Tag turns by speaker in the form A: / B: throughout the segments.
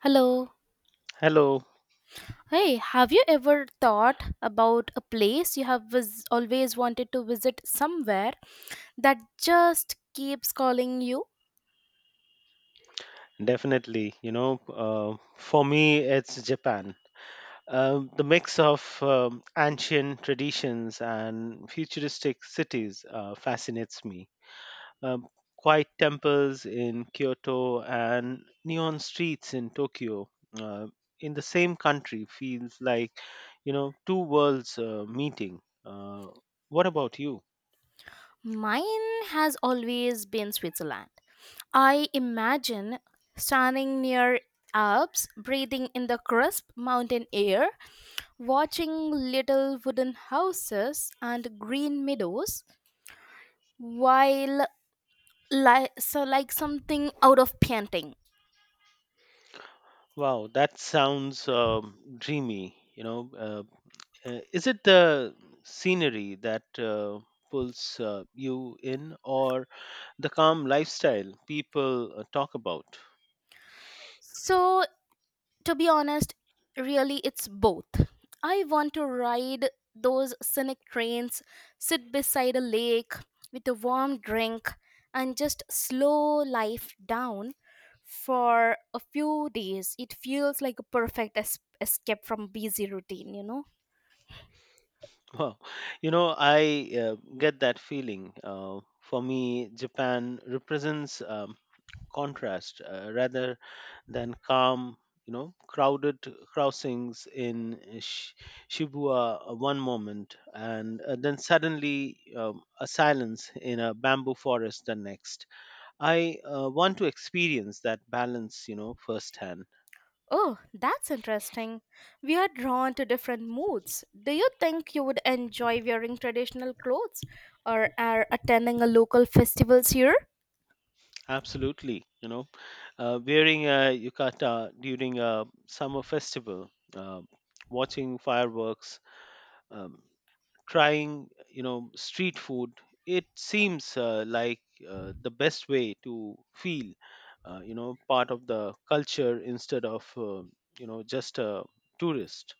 A: Hello.
B: Hello,
A: Hey, have you ever thought about a place you have always wanted to visit somewhere that just keeps calling you?
B: definitely. For me, it's Japan. The mix of ancient traditions and futuristic cities fascinates me. Um, Quiet temples in Kyoto and neon streets in Tokyo uh, in the same country feels like two worlds meeting. What about you?
A: Mine has always been Switzerland. I imagine standing near Alps, breathing in the crisp mountain air, watching little wooden houses and green meadows while like something out of painting.
B: Wow, that sounds dreamy. Is it the scenery that pulls you in or the calm lifestyle people talk about?
A: So to be honest, really, it's both. I want to ride those scenic trains, sit beside a lake with a warm drink, and just slow life down for a few days. It feels like a perfect escape from busy routine, you know?
B: Wow. I get that feeling. For me, Japan represents contrast rather than calm, crowded crossings in Shibuya one moment and then suddenly a silence in a bamboo forest the next. I want to experience that balance, firsthand.
A: Oh, that's interesting. We are drawn to different moods. Do you think you would enjoy wearing traditional clothes or are attending a local festivals here?
B: Absolutely, wearing a yukata during a summer festival, uh, watching fireworks, um, trying, street food. It seems like the best way to feel, part of the culture instead of, just a tourist.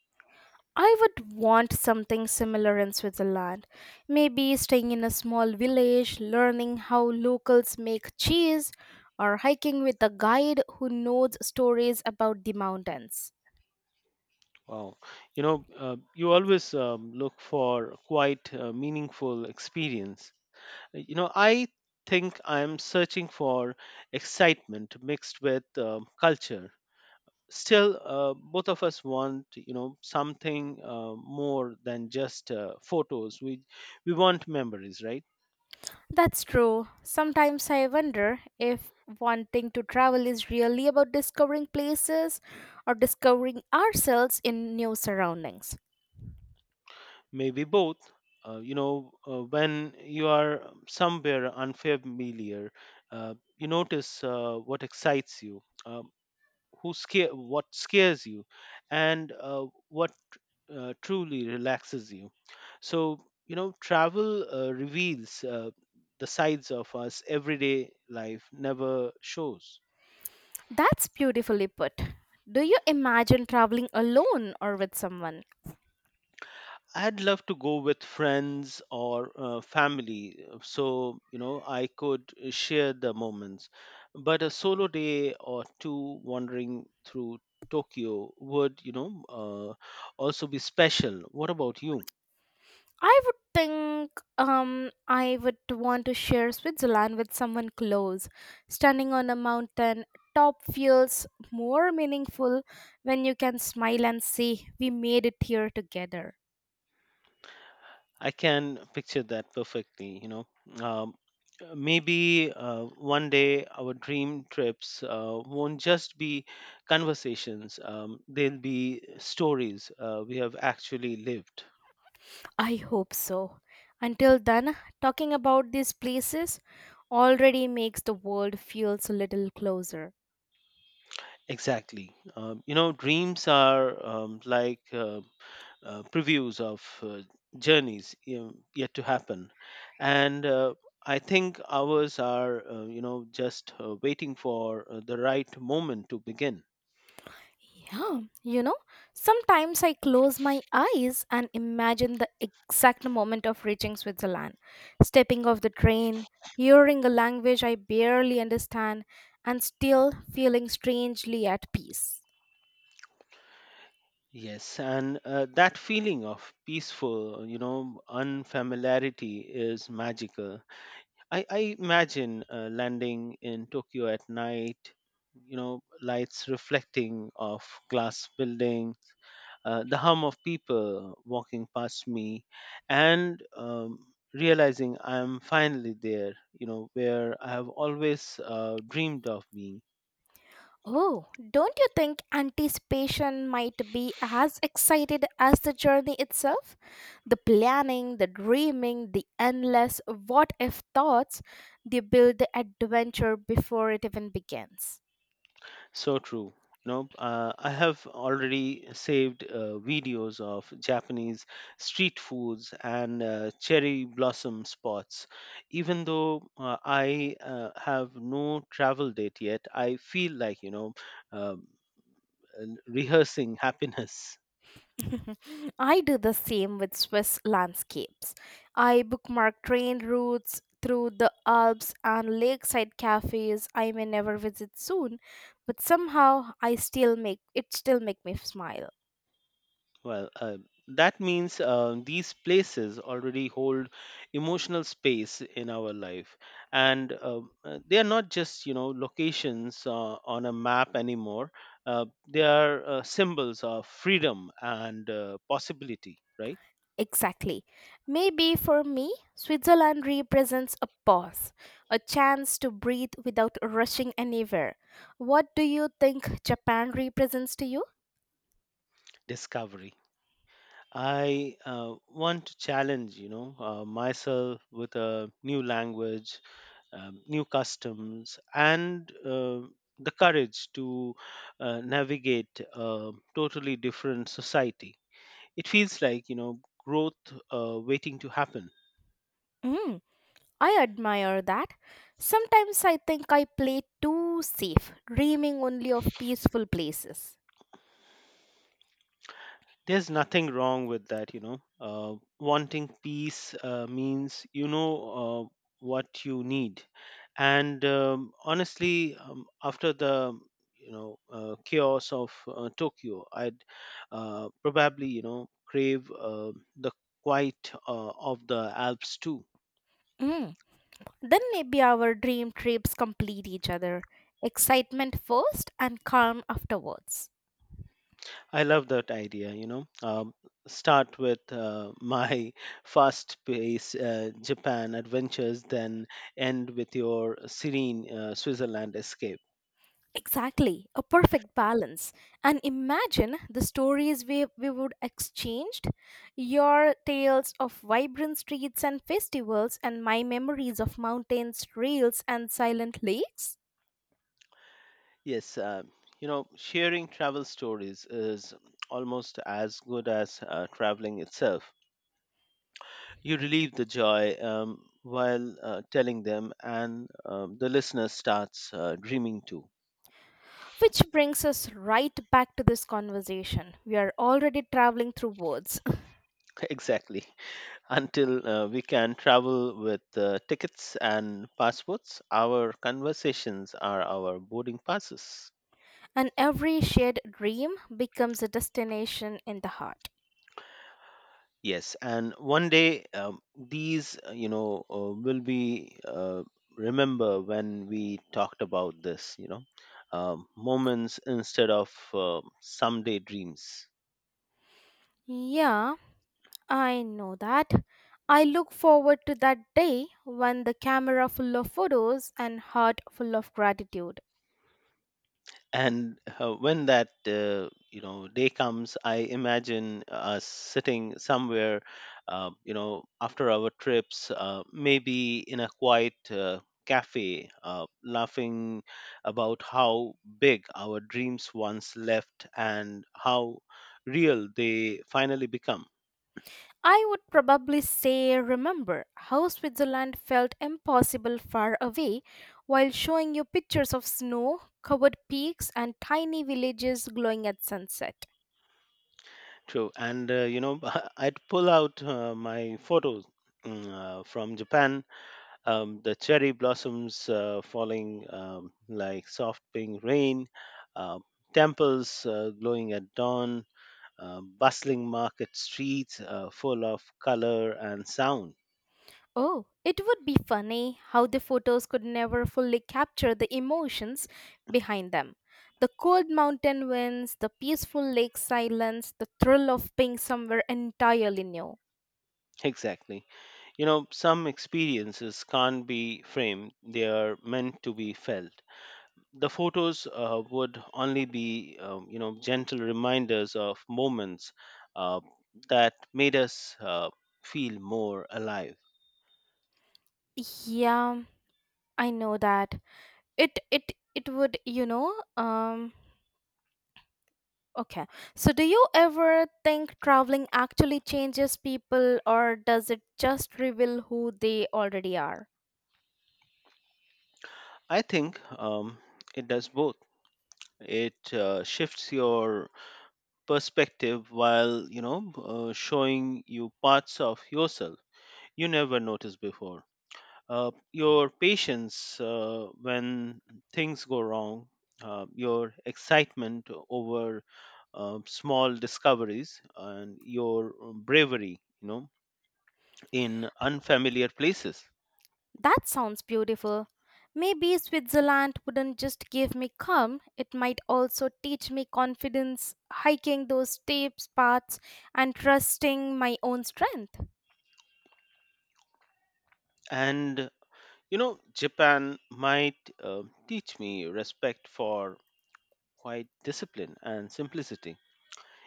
A: I would want something similar in Switzerland. Maybe staying in a small village, learning how locals make cheese, or hiking with a guide who knows stories about the mountains.
B: Wow. You always look for quite meaningful experience. I think I'm searching for excitement mixed with culture. Still, both of us want, something more than just photos. We want memories, right?
A: That's true. Sometimes I wonder if wanting to travel is really about discovering places or discovering ourselves in new surroundings.
B: Maybe both. When you are somewhere unfamiliar, you notice what excites you. Who scare what scares you and what truly relaxes you, so travel reveals the sides of us everyday life never shows.
A: That's beautifully put. Do you imagine traveling alone or with someone?
B: I'd love to go with friends or family so I could share the moments, but a solo day or two wandering through Tokyo would, also be special. What about you?
A: I would think, I would want to share Switzerland with someone close. Standing on a mountain top feels more meaningful when you can smile and say, "We made it here together."
B: I can picture that perfectly. Um, Maybe one day our dream trips won't just be conversations. They'll be stories we have actually lived.
A: I hope so. Until then, talking about these places already makes the world feels a little closer.
B: Exactly. Dreams are previews of journeys you yet to happen, and I think ours are, just waiting for the right moment to begin.
A: Yeah, you know, sometimes I close my eyes and imagine the exact moment of reaching Switzerland, stepping off the train, hearing a language I barely understand, and still feeling strangely at peace.
B: Yes, and that feeling of peaceful, unfamiliarity is magical. I imagine landing in Tokyo at night, lights reflecting off glass buildings, the hum of people walking past me, and realizing I'm finally there, where I have always dreamed of being.
A: Oh, don't you think anticipation might be as excited as the journey itself? The planning, the dreaming, the endless what if thoughts, they build the adventure before it even begins.
B: So true. I have already saved videos of Japanese street foods and cherry blossom spots. Even though I have no travel date yet, I feel like, um, rehearsing happiness.
A: I do the same with Swiss landscapes. I bookmark train routes through the Alps and lakeside cafes I may never visit soon, but somehow I still make it still make me smile.
B: Well, that means these places already hold emotional space in our life, and they are not just, locations on a map anymore. Uh, they are symbols of freedom and possibility, right?
A: Exactly. Maybe for me, Switzerland represents a pause, a chance to breathe without rushing anywhere. What do you think Japan represents to you?
B: Discovery. I want to challenge, myself with a new language, new customs and the courage to navigate a totally different society. It feels like, growth waiting to happen.
A: Mm. I admire that. Sometimes I think I play too safe, dreaming only of peaceful places.
B: There's nothing wrong with that. Wanting peace means, uh, what you need, and honestly, after the, chaos of Tokyo, I'd probably, crave the quiet of the Alps too.
A: Mm. Then maybe our dream trips complete each other. Excitement first and calm afterwards.
B: I love that idea. Start with my fast-paced Japan adventures, then end with your serene Switzerland escape.
A: Exactly, a perfect balance. And imagine the stories we would exchanged, your tales of vibrant streets and festivals and my memories of mountains, trails and silent lakes.
B: Yes, sharing travel stories is almost as good as traveling itself. You relieve the joy while telling them, and the listener starts dreaming too.
A: Which brings us right back to this conversation. We are already traveling through words.
B: Exactly. Until we can travel with tickets and passports, our conversations are our boarding passes.
A: And every shared dream becomes a destination in the heart.
B: Yes, and one day, will be, remember when we talked about this, moments instead of someday dreams.
A: Yeah, I know that. I look forward to that day when the camera full of photos and heart full of gratitude.
B: And when that, day comes, I imagine us sitting somewhere, after our trips, maybe in a quiet cafe laughing about how big our dreams once left and how real they finally become.
A: I would probably say, remember how Switzerland felt impossible far away, while showing you pictures of snow covered peaks and tiny villages glowing at sunset.
B: True, and, I'd pull out my photos, from Japan, the cherry blossoms falling like soft pink rain, uh, temples glowing at dawn, bustling market streets full of color and sound.
A: Oh, it would be funny how the photos could never fully capture the emotions behind them. The cold mountain winds, the peaceful lake silence, the thrill of being somewhere entirely new.
B: Exactly. Some experiences can't be framed, they are meant to be felt. The photos would only be, gentle reminders of moments uh, that made us feel more alive.
A: Yeah, I know that. It would, you know, okay. So do you ever think traveling actually changes people or does it just reveal who they already are?
B: I think it does both. It shifts your perspective while, showing you parts of yourself you never noticed before. Your patience when things go wrong, your excitement over small discoveries, and your bravery, in unfamiliar places.
A: That sounds beautiful. Maybe Switzerland wouldn't just give me calm, it might also teach me confidence, hiking those steep paths and trusting my own strength.
B: And, Japan might teach me respect for quiet discipline and simplicity,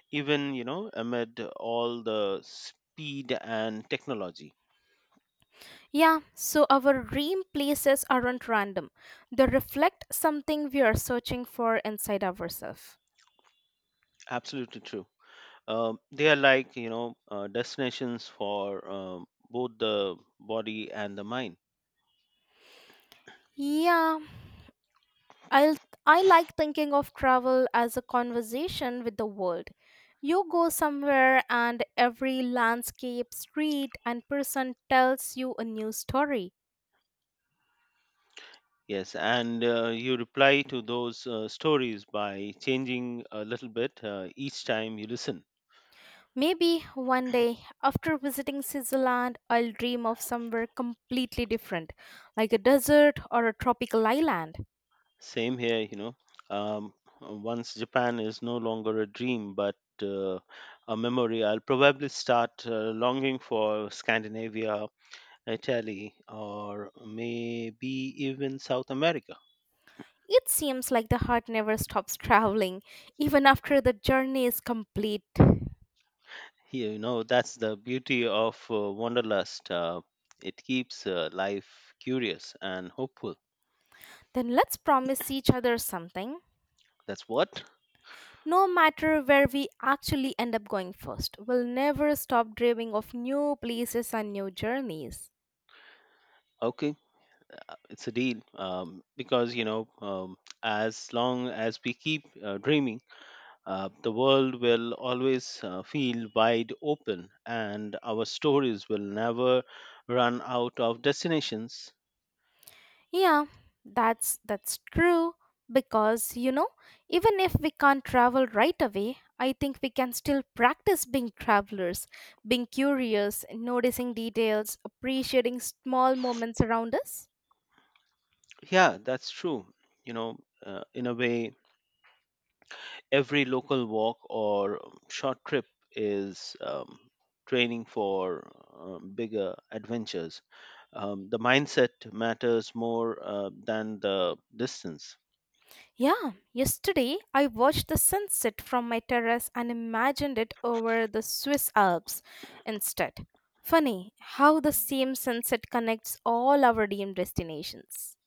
B: even, amid all the speed and technology.
A: Yeah, so our dream places aren't random, they reflect something we are searching for inside ourselves.
B: Absolutely true. They are like, destinations for both the body and the mind.
A: Yeah, I'll, I like thinking of travel as a conversation with the world. You go somewhere, and every landscape, street, and person tells you a new story.
B: Yes, and you reply to those stories by changing a little bit each time you listen.
A: Maybe one day, after visiting Switzerland, I'll dream of somewhere completely different, like a desert or a tropical island.
B: Same here, Um, once Japan is no longer a dream but uh, a memory, I'll probably start longing for Scandinavia, Italy, or maybe even South America.
A: It seems like the heart never stops traveling, even after the journey is complete.
B: That's the beauty of Wanderlust. It keeps life curious and hopeful.
A: Then let's promise each other something.
B: That's what?
A: No matter where we actually end up going first, we'll never stop dreaming of new places and new journeys.
B: Okay, it's a deal. Because as long as we keep dreaming, the world will always feel wide open, and our stories will never run out of destinations.
A: Yeah, that's true, because you know, even if we can't travel right away, I think we can still practice being travelers, being curious, noticing details, appreciating small moments around us.
B: Yeah, that's true. You know, in a way, every local walk or short trip is training for bigger adventures. The mindset matters more than the distance.
A: Yeah, yesterday I watched the sunset from my terrace and imagined it over the Swiss Alps instead. Funny how the same sunset connects all our dream destinations.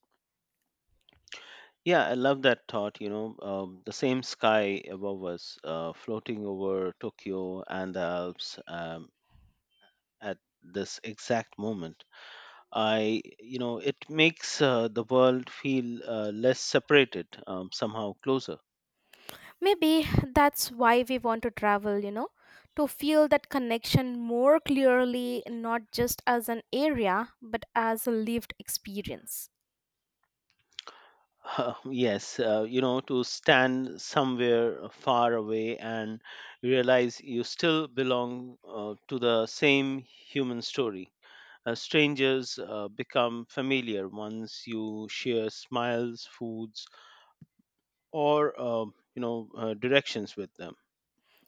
B: Yeah, I love that thought. The same sky above us, floating over Tokyo and the Alps, at this exact moment. It makes the world feel less separated, somehow closer.
A: Maybe that's why we want to travel, you know, to feel that connection more clearly, not just as an area, but as a lived experience.
B: Yes, to stand somewhere far away and realize you still belong to the same human story. Strangers become familiar once you share smiles, foods, or, directions with them.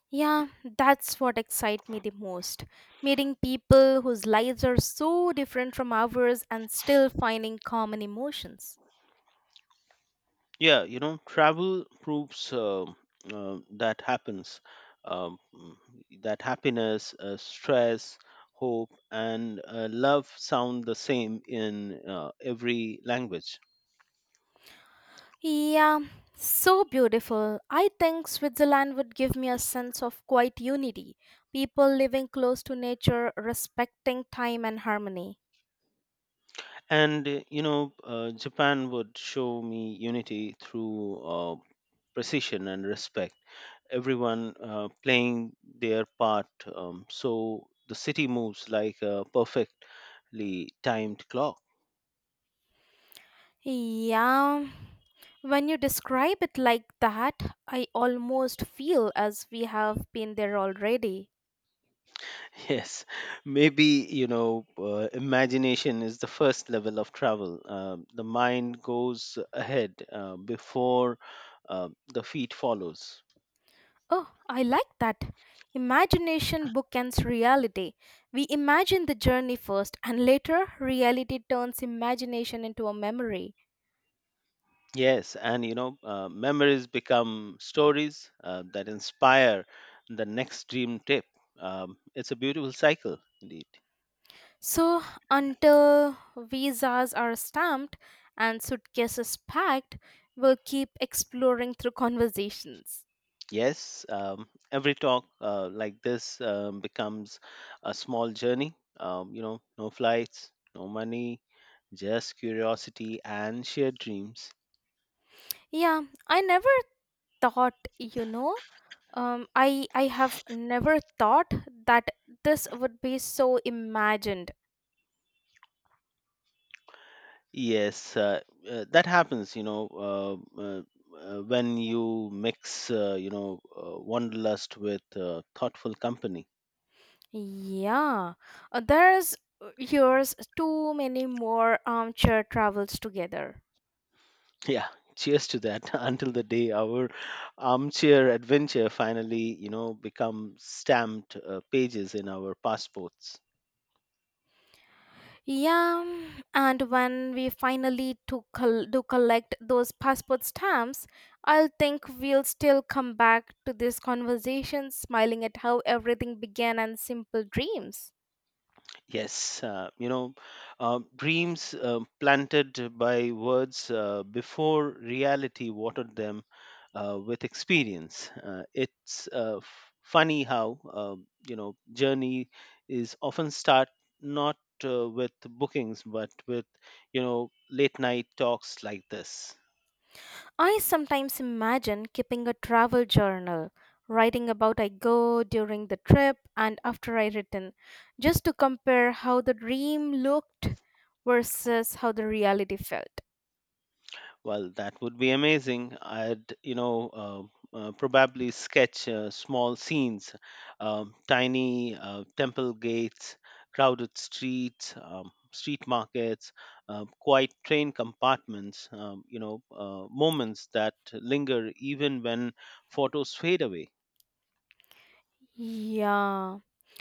A: Yeah, that's what excites me the most. Meeting people whose lives are so different from ours and still finding common emotions.
B: Yeah, travel proves that happens. Um, mm, that happiness, stress, hope, and love sound the same in every language.
A: Yeah, so beautiful. I think Switzerland would give me a sense of quiet unity. People living close to nature, respecting time and harmony.
B: And, Japan would show me unity through precision and respect, everyone playing their part. So the city moves like a perfectly timed clock.
A: Yeah, when you describe it like that, I almost feel as we have been there already.
B: Yes, maybe, imagination is the first level of travel. The mind goes ahead before the feet follows.
A: Oh, I like that. Imagination bookends reality. We imagine the journey first, and later, reality turns imagination into a memory.
B: Yes, and, memories become stories that inspire the next dream trip. It's a beautiful cycle, indeed.
A: So, until visas are stamped and suitcases packed, we'll keep exploring through conversations.
B: Yes, every talk like this becomes a small journey. No flights, no money, just curiosity and shared dreams.
A: Yeah, I never thought, you know, I have never thought that this would be so imagined.
B: Yes, that happens, when you mix, wanderlust with thoughtful company.
A: Yeah, there's yours too many more armchair travels together.
B: Yeah, cheers to that. Until the day our armchair adventure finally, become stamped pages in our passports.
A: Yeah, mm, and when we finally do collect those passport stamps, I'll think we'll still come back to this conversation, smiling at how everything began and simple dreams.
B: Yes, dreams planted by words before reality watered them with experience. It's funny how, journey is often start not with bookings but with, late night talks like this.
A: I sometimes imagine keeping a travel journal, writing about I go during the trip and after I return, just to compare how the dream looked versus how the reality felt.
B: Well, that would be amazing. I'd, probably sketch small scenes, tiny temple gates, crowded streets, street markets, quiet train compartments, moments that linger even when photos fade away.
A: Yeah.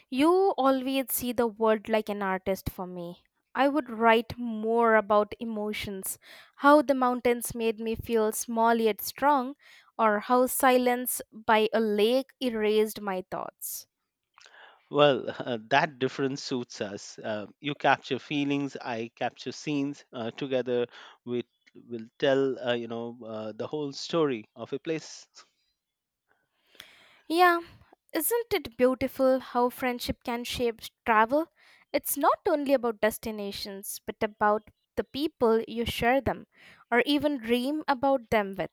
A: You always see the world like an artist for me. I would write more about emotions, how the mountains made me feel small yet strong, or how silence by a lake erased my thoughts.
B: Well, that difference suits us. You capture feelings, I capture scenes. Together, we will tell, the whole story of a place.
A: Yeah, isn't it beautiful how friendship can shape travel? It's not only about destinations, but about the people you share them, or even dream about them with.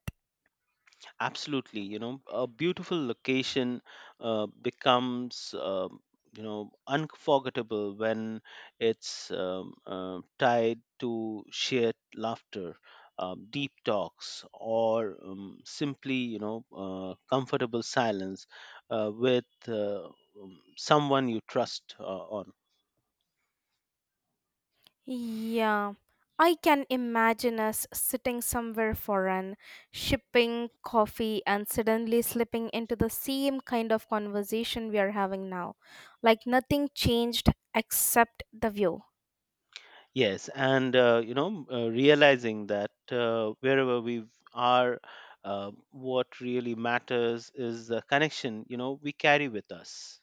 B: Absolutely, a beautiful location becomes, unforgettable when it's, tied to shared laughter, deep talks or simply, comfortable silence with, someone you trust on.
A: Yeah, I can imagine us sitting somewhere foreign, shipping coffee, and suddenly slipping into the same kind of conversation we are having now. Like nothing changed except the view.
B: Yes, and, realizing that wherever we are, what really matters is the connection, we carry with us.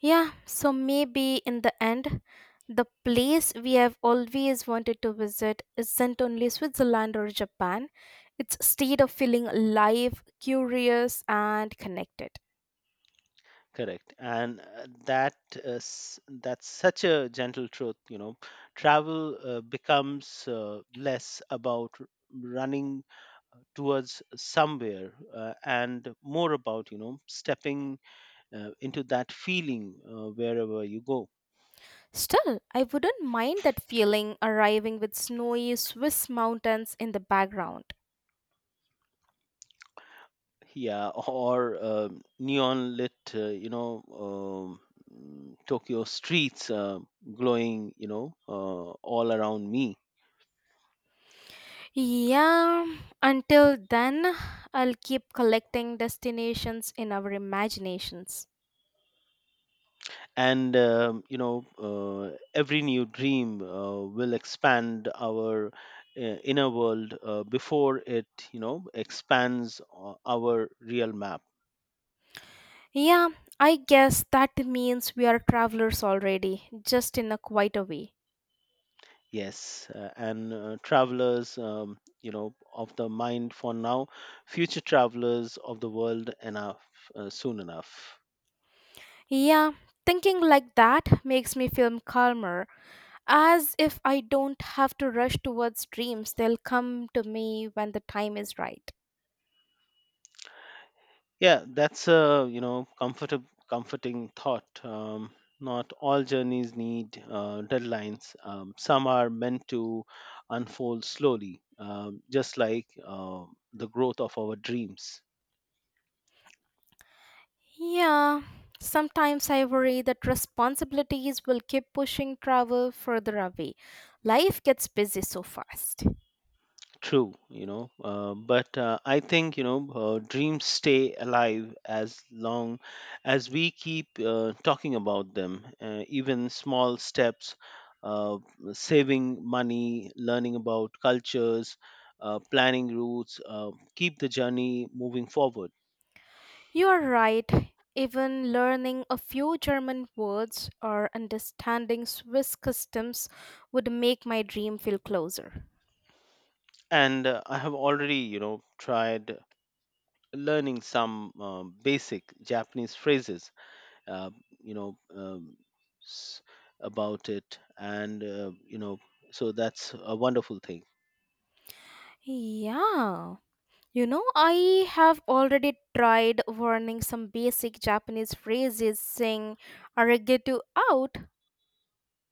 A: Yeah, so maybe in the end, the place we have always wanted to visit isn't only Switzerland or Japan, it's a state of feeling alive, curious, and connected.
B: Correct, and that that's such a gentle truth. Travel becomes less about running towards somewhere and more about, stepping into that feeling wherever you go.
A: Still, I wouldn't mind that feeling arriving with snowy Swiss mountains in the background.
B: Yeah, or neon lit, Tokyo streets glowing, all around me.
A: Yeah, until then, I'll keep collecting destinations in our imaginations.
B: And, every new dream will expand our inner world before it, expands our real map.
A: Yeah, I guess that means we are travelers already, just in a quieter way.
B: Yes, and travelers, of the mind for now, future travelers of the world enough, soon enough.
A: Yeah, thinking like that makes me feel calmer, as if I don't have to rush towards dreams, they'll come to me when the time is right.
B: Yeah, that's a, comforting thought. Not all journeys need deadlines. Some are meant to unfold slowly, just like the growth of our dreams.
A: Yeah, sometimes I worry that responsibilities will keep pushing travel further away. Life gets busy so fast.
B: True, but I think, dreams stay alive as long as we keep talking about them. Even small steps, uh, saving money, learning about cultures, planning routes, keep the journey moving forward.
A: You are right. Even learning a few German words or understanding Swiss customs would make my dream feel closer.
B: And I have already, tried learning some basic Japanese phrases, uh, you know um, s- about it, and, so that's a wonderful thing.
A: Yeah. You know, I have already tried learning some basic Japanese phrases saying arigato out.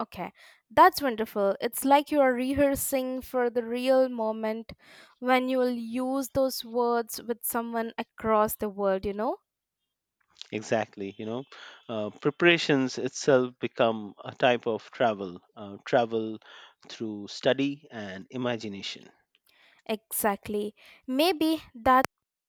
A: Okay, that's wonderful. It's like you are rehearsing for the real moment when you will use those words with someone across the world, you know?
B: Exactly, preparations itself become a type of travel, travel through study and imagination.
A: Exactly. Maybe that's